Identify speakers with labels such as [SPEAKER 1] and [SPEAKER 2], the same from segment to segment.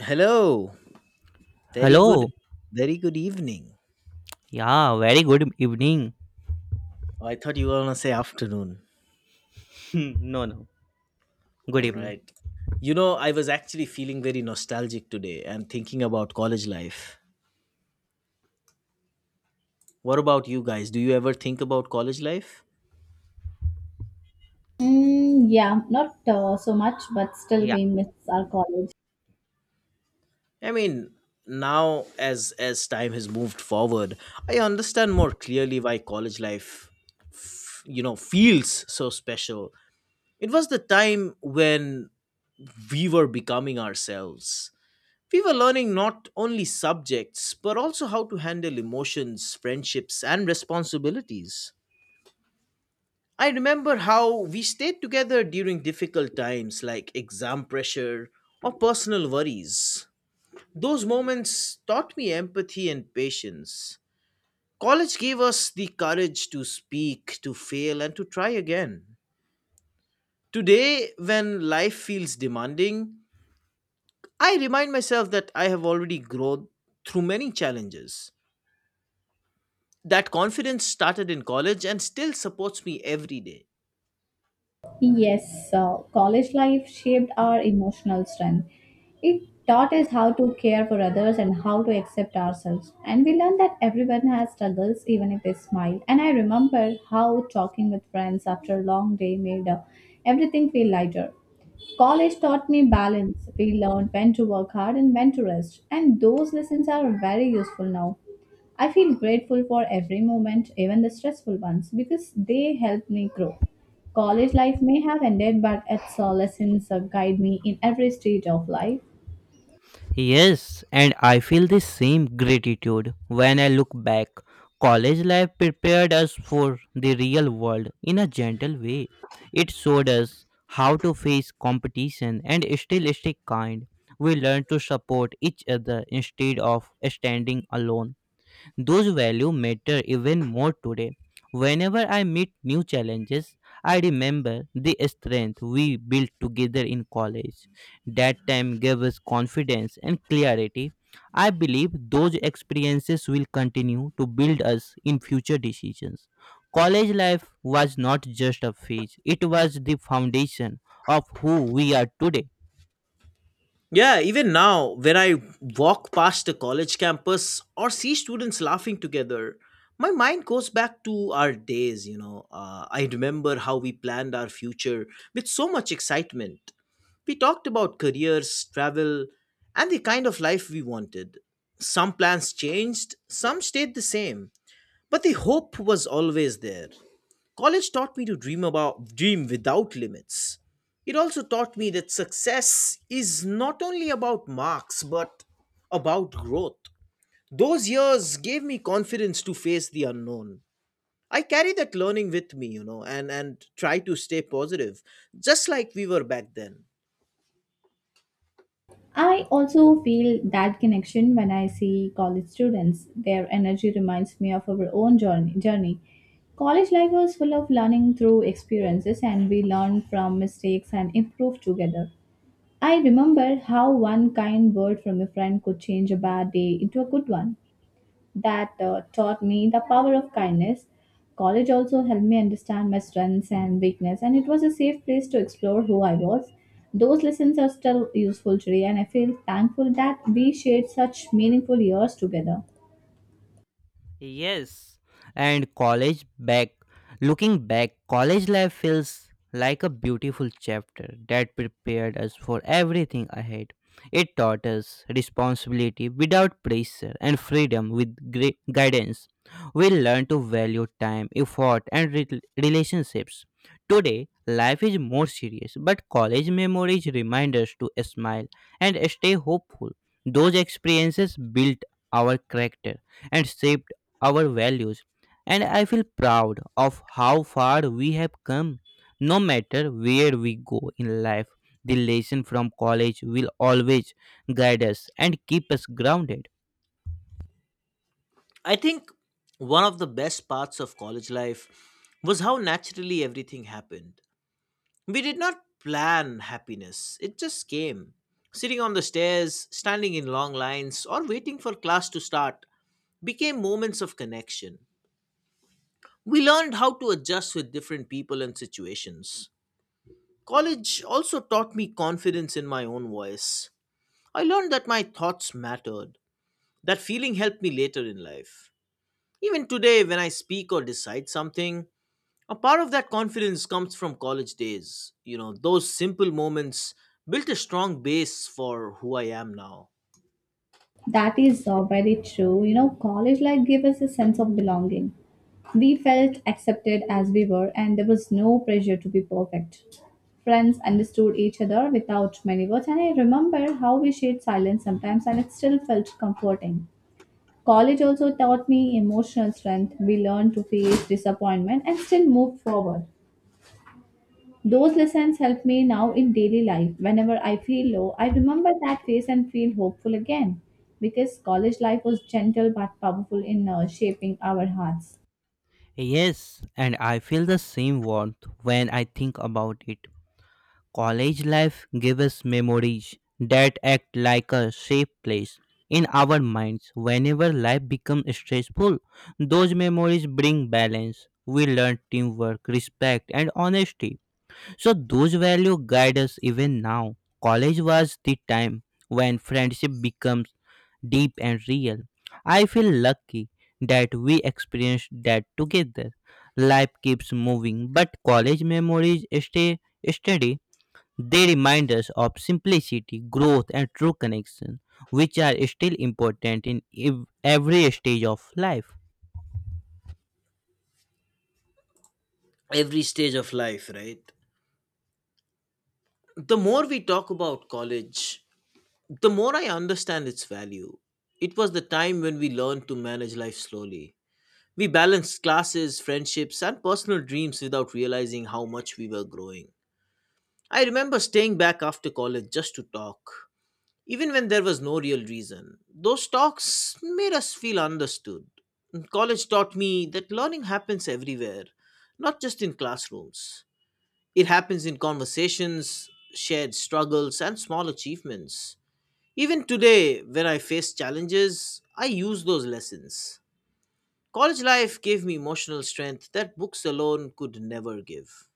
[SPEAKER 1] Hello. Very good.
[SPEAKER 2] Hello.
[SPEAKER 1] Very good evening.
[SPEAKER 2] Yeah, very good evening.
[SPEAKER 1] Oh, I thought you were gonna say afternoon.
[SPEAKER 2] No, no.
[SPEAKER 1] All
[SPEAKER 2] Good evening.
[SPEAKER 1] right. You know, I was actually feeling very nostalgic today and thinking about college life. What about you guys? Do you ever think about college life?
[SPEAKER 3] Mm, yeah, not so much, but still
[SPEAKER 2] Yeah.
[SPEAKER 3] we miss our college.
[SPEAKER 1] I mean, now as time has moved forward, I understand more clearly why college life, feels so special. It was the time when we were becoming ourselves. We were learning not only subjects, but also how to handle emotions, friendships, and responsibilities. I remember how we stayed together during difficult times like exam pressure or personal worries. Those moments taught me empathy and patience. College gave us the courage to speak, to fail, and to try again. Today, when life feels demanding, I remind myself that I have already grown through many challenges. That confidence started in college and still supports me every day.
[SPEAKER 3] Yes, college life shaped our emotional strength. It taught us how to care for others and how to accept ourselves. And we learned that everyone has struggles, even if they smile. And I remember how talking with friends after a long day made everything feel lighter. College taught me balance. We learned when to work hard and when to rest. And those lessons are very useful now. I feel grateful for every moment, even the stressful ones, because they help me grow. College life may have ended, but its lessons guide me in every stage of life.
[SPEAKER 2] Yes, and I feel the same gratitude when I look back. College life prepared us for the real world in a gentle way. It showed us how to face competition and still stay kind. We learned to support each other instead of standing alone. Those values matter even more today. Whenever I meet new challenges, I remember the strength we built together in college. That time gave us confidence and clarity. I believe those experiences will continue to build us in future decisions. College life was not just a phase, it was the foundation of who we are today.
[SPEAKER 1] Yeah, even now, when I walk past a college campus or see students laughing together, my mind goes back to our days. I remember how we planned our future with so much excitement. We talked about careers, travel, and the kind of life we wanted. Some plans changed, some stayed the same, but the hope was always there. College taught me to dream about dream without limits. It also taught me that success is not only about marks but about growth. Those years gave me confidence to face the unknown. I carry that learning with me, and try to stay positive, just like we were back then.
[SPEAKER 3] I also feel that connection when I see college students. Their energy reminds me of our own journey. College life was full of learning through experiences, and we learned from mistakes and improved together. I remember how one kind word from a friend could change a bad day into a good one. That taught me the power of kindness. College also helped me understand my strengths and weakness, and it was a safe place to explore who I was. Those lessons are still useful today, and I feel thankful that we shared such meaningful years together.
[SPEAKER 2] Yes, and college back. Looking back, college life feels like a beautiful chapter that prepared us for everything ahead. It taught us responsibility without pressure and freedom with great guidance. We learned to value time, effort, and relationships. Today, life is more serious, but college memories remind us to smile and stay hopeful. Those experiences built our character and shaped our values. And I feel proud of how far we have come. No matter where we go in life, the lesson from college will always guide us and keep us grounded.
[SPEAKER 1] I think one of the best parts of college life was how naturally everything happened. We did not plan happiness, it just came. Sitting on the stairs, standing in long lines, or waiting for class to start became moments of connection. We learned how to adjust with different people and situations. College also taught me confidence in my own voice. I learned that my thoughts mattered. That feeling helped me later in life. Even today, when I speak or decide something, a part of that confidence comes from college days. Those simple moments built a strong base for who I am now.
[SPEAKER 3] That is very true. You know, college life gave us a sense of belonging. We felt accepted as we were, and there was no pressure to be perfect. Friends understood each other without many words, and I remember how we shared silence sometimes, and it still felt comforting. College also taught me emotional strength. We learned to face disappointment and still move forward. Those lessons help me now in daily life. Whenever I feel low, I remember that face and feel hopeful again because college life was gentle but powerful in shaping our hearts.
[SPEAKER 2] Yes, and I feel the same warmth when I think about it. College life gives us memories that act like a safe place in our minds. Whenever life becomes stressful, those memories bring balance. We learn teamwork, respect, and honesty. So those values guide us even now. College was the time when friendship becomes deep and real. I feel lucky that we experienced that together. Life keeps moving, but college memories stay steady. They remind us of simplicity, growth, and true connection, which are still important in every stage of life.
[SPEAKER 1] Every stage of life, right? The more we talk about college, the more I understand its value. It was the time when we learned to manage life slowly. We balanced classes, friendships, and personal dreams without realizing how much we were growing. I remember staying back after college just to talk. Even when there was no real reason, those talks made us feel understood. College taught me that learning happens everywhere, not just in classrooms. It happens in conversations, shared struggles, and small achievements. Even today, when I face challenges, I use those lessons. College life gave me emotional strength that books alone could never give.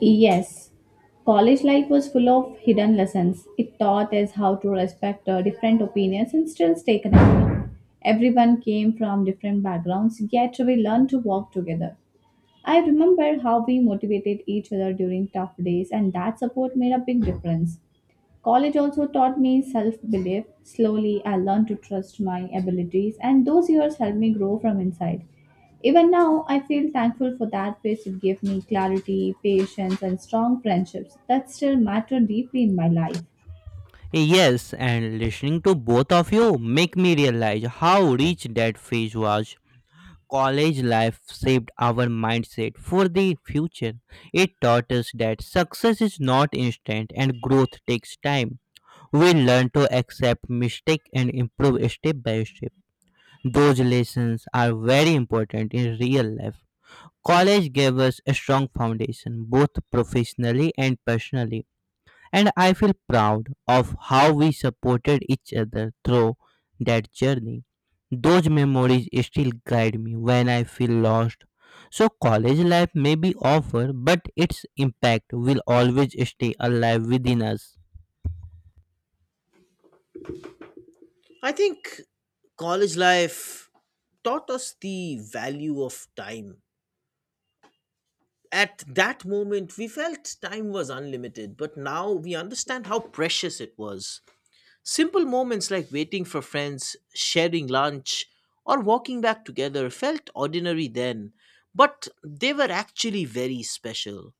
[SPEAKER 3] Yes, college life was full of hidden lessons. It taught us how to respect different opinions and still stay connected. Everyone came from different backgrounds, yet we learned to work together. I remember how we motivated each other during tough days, and that support made a big difference. College also taught me self belief. Slowly, I learned to trust my abilities, and those years helped me grow from inside. Even now, I feel thankful for that phase. It gave me clarity, patience, and strong friendships that still matter deeply in my life.
[SPEAKER 2] Yes, and listening to both of you make me realize how rich that phase was. College life shaped our mindset for the future. It taught us that success is not instant and growth takes time. We learn to accept mistake and improve step by step. Those lessons are very important in real life. College gave us a strong foundation, both professionally and personally, and I feel proud of how we supported each other through that journey. Those memories still guide me when I feel lost. So, college life may be over, but its impact will always stay alive within us.
[SPEAKER 1] I think college life taught us the value of time. At that moment, we felt time was unlimited, but now we understand how precious it was. Simple moments like waiting for friends, sharing lunch, or walking back together felt ordinary then, but they were actually very special.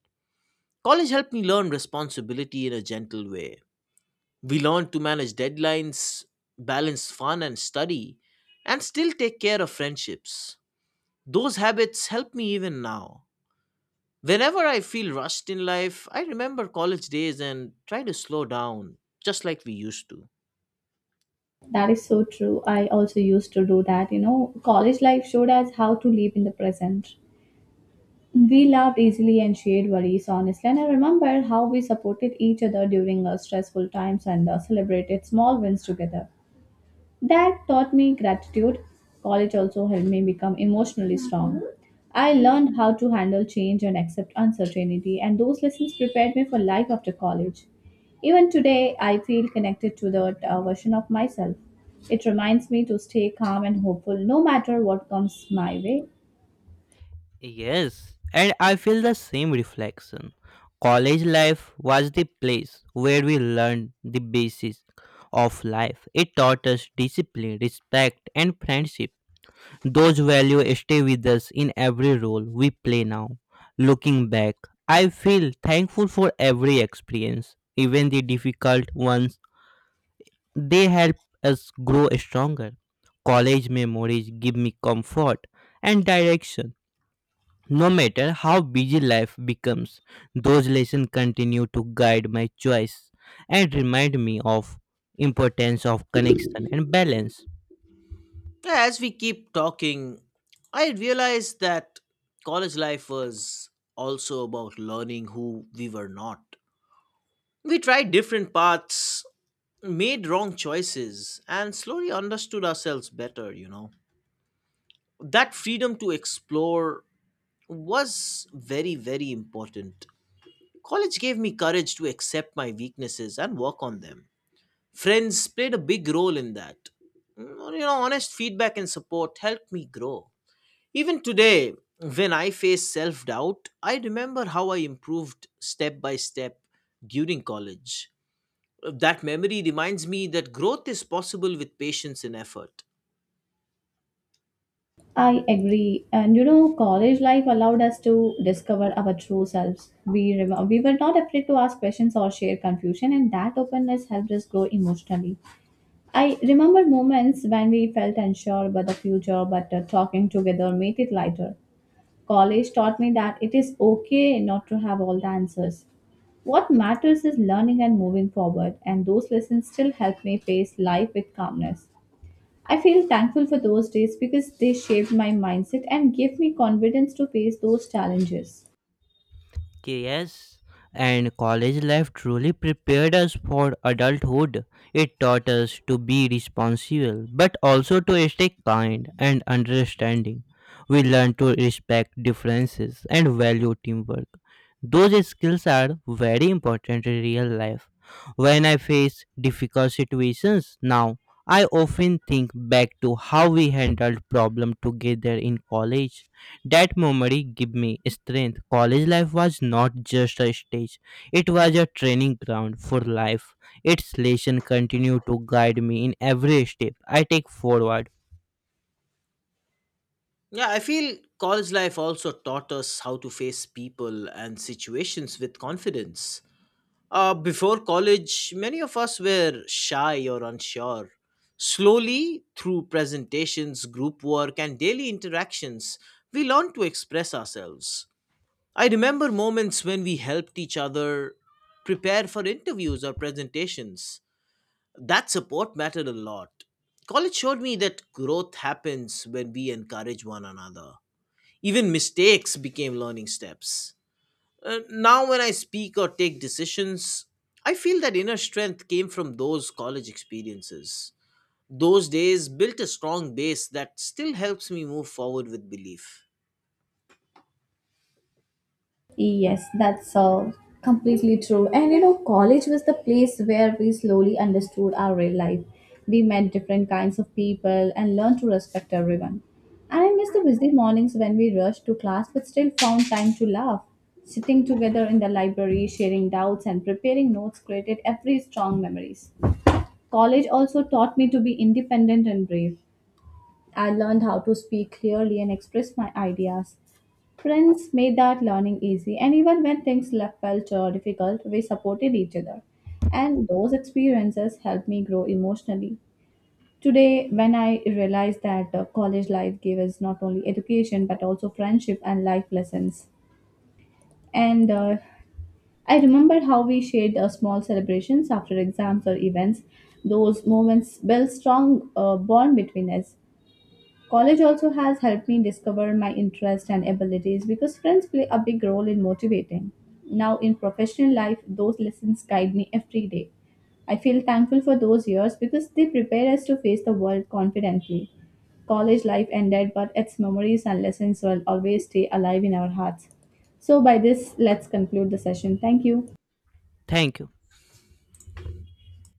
[SPEAKER 1] College helped me learn responsibility in a gentle way. We learned to manage deadlines, balance fun and study, and still take care of friendships. Those habits help me even now. Whenever I feel rushed in life, I remember college days and try to slow down, just like we used to.
[SPEAKER 3] That is so true. I also used to do that. You know, college life showed us how to live in the present. We laughed easily and shared worries honestly. And I remember how we supported each other during our stressful times and celebrated small wins together. That taught me gratitude. College also helped me become emotionally strong. I learned how to handle change and accept uncertainty, and those lessons prepared me for life after college. Even today, I feel connected to that version of myself. It reminds me to stay calm and hopeful no matter what comes my way.
[SPEAKER 2] Yes, and I feel the same reflection. College life was the place where we learned the basics of life. It taught us discipline, respect, and friendship. Those values stay with us in every role we play now. Looking back, I feel thankful for every experience, even the difficult ones. They help us grow stronger. College memories give me comfort and direction. No matter how busy life becomes, those lessons continue to guide my choice and remind me of importance of connection and balance.
[SPEAKER 1] As we keep talking, I realize that college life was also about learning who we were not. We tried different paths, made wrong choices, and slowly understood ourselves better. That freedom to explore was very, very important. College gave me courage to accept my weaknesses and work on them. Friends played a big role in that. Honest feedback and support helped me grow. Even today, when I face self doubt, I remember how I improved step by step during college. That memory reminds me that growth is possible with patience and effort.
[SPEAKER 3] I agree. And you know, college life allowed us to discover our true selves. We were not afraid to ask questions or share confusion, and that openness helped us grow emotionally. I remember moments when we felt unsure about the future, but talking together made it lighter. College taught me that it is okay not to have all the answers. What matters is learning and moving forward, and those lessons still help me face life with calmness. I feel thankful for those days because they shaped my mindset and gave me confidence to face those challenges.
[SPEAKER 2] Yes, and college life truly prepared us for adulthood. It taught us to be responsible, but also to stay kind and understanding. We learned to respect differences and value teamwork. Those skills are very important in real life. When I face difficult situations now, I often think back to how we handled problem together in college. That memory gave me strength. College life was not just a stage, it was a training ground for life. Its lesson continue to guide me in every step I take forward.
[SPEAKER 1] Yeah, I feel college life also taught us how to face people and situations with confidence. Before college, many of us were shy or unsure. Slowly, through presentations, group work, and daily interactions, we learned to express ourselves. I remember moments when we helped each other prepare for interviews or presentations. That support mattered a lot. College showed me that growth happens when we encourage one another. Even mistakes became learning steps. Now, when I speak or take decisions, I feel that inner strength came from those college experiences. Those days built a strong base that still helps me move forward with belief.
[SPEAKER 3] Yes, that's completely true. And you know, college was the place where we slowly understood our real life. We met different kinds of people and learned to respect everyone. And I miss the busy mornings when we rushed to class but still found time to laugh. Sitting together in the library, sharing doubts and preparing notes created every strong memories. College also taught me to be independent and brave. I learned how to speak clearly and express my ideas. Friends made that learning easy, and even when things felt difficult, we supported each other. And those experiences helped me grow emotionally. Today, when I realized that college life gave us not only education but also friendship and life lessons. And I remember how we shared small celebrations after exams or events. Those moments built strong bond between us. College also has helped me discover my interests and abilities because friends play a big role in motivating. Now, in professional life, those lessons guide me every day. I feel thankful for those years because they prepare us to face the world confidently. College life ended, but its memories and lessons will always stay alive in our hearts. So, by this, let's conclude the session. Thank you.
[SPEAKER 2] Thank you.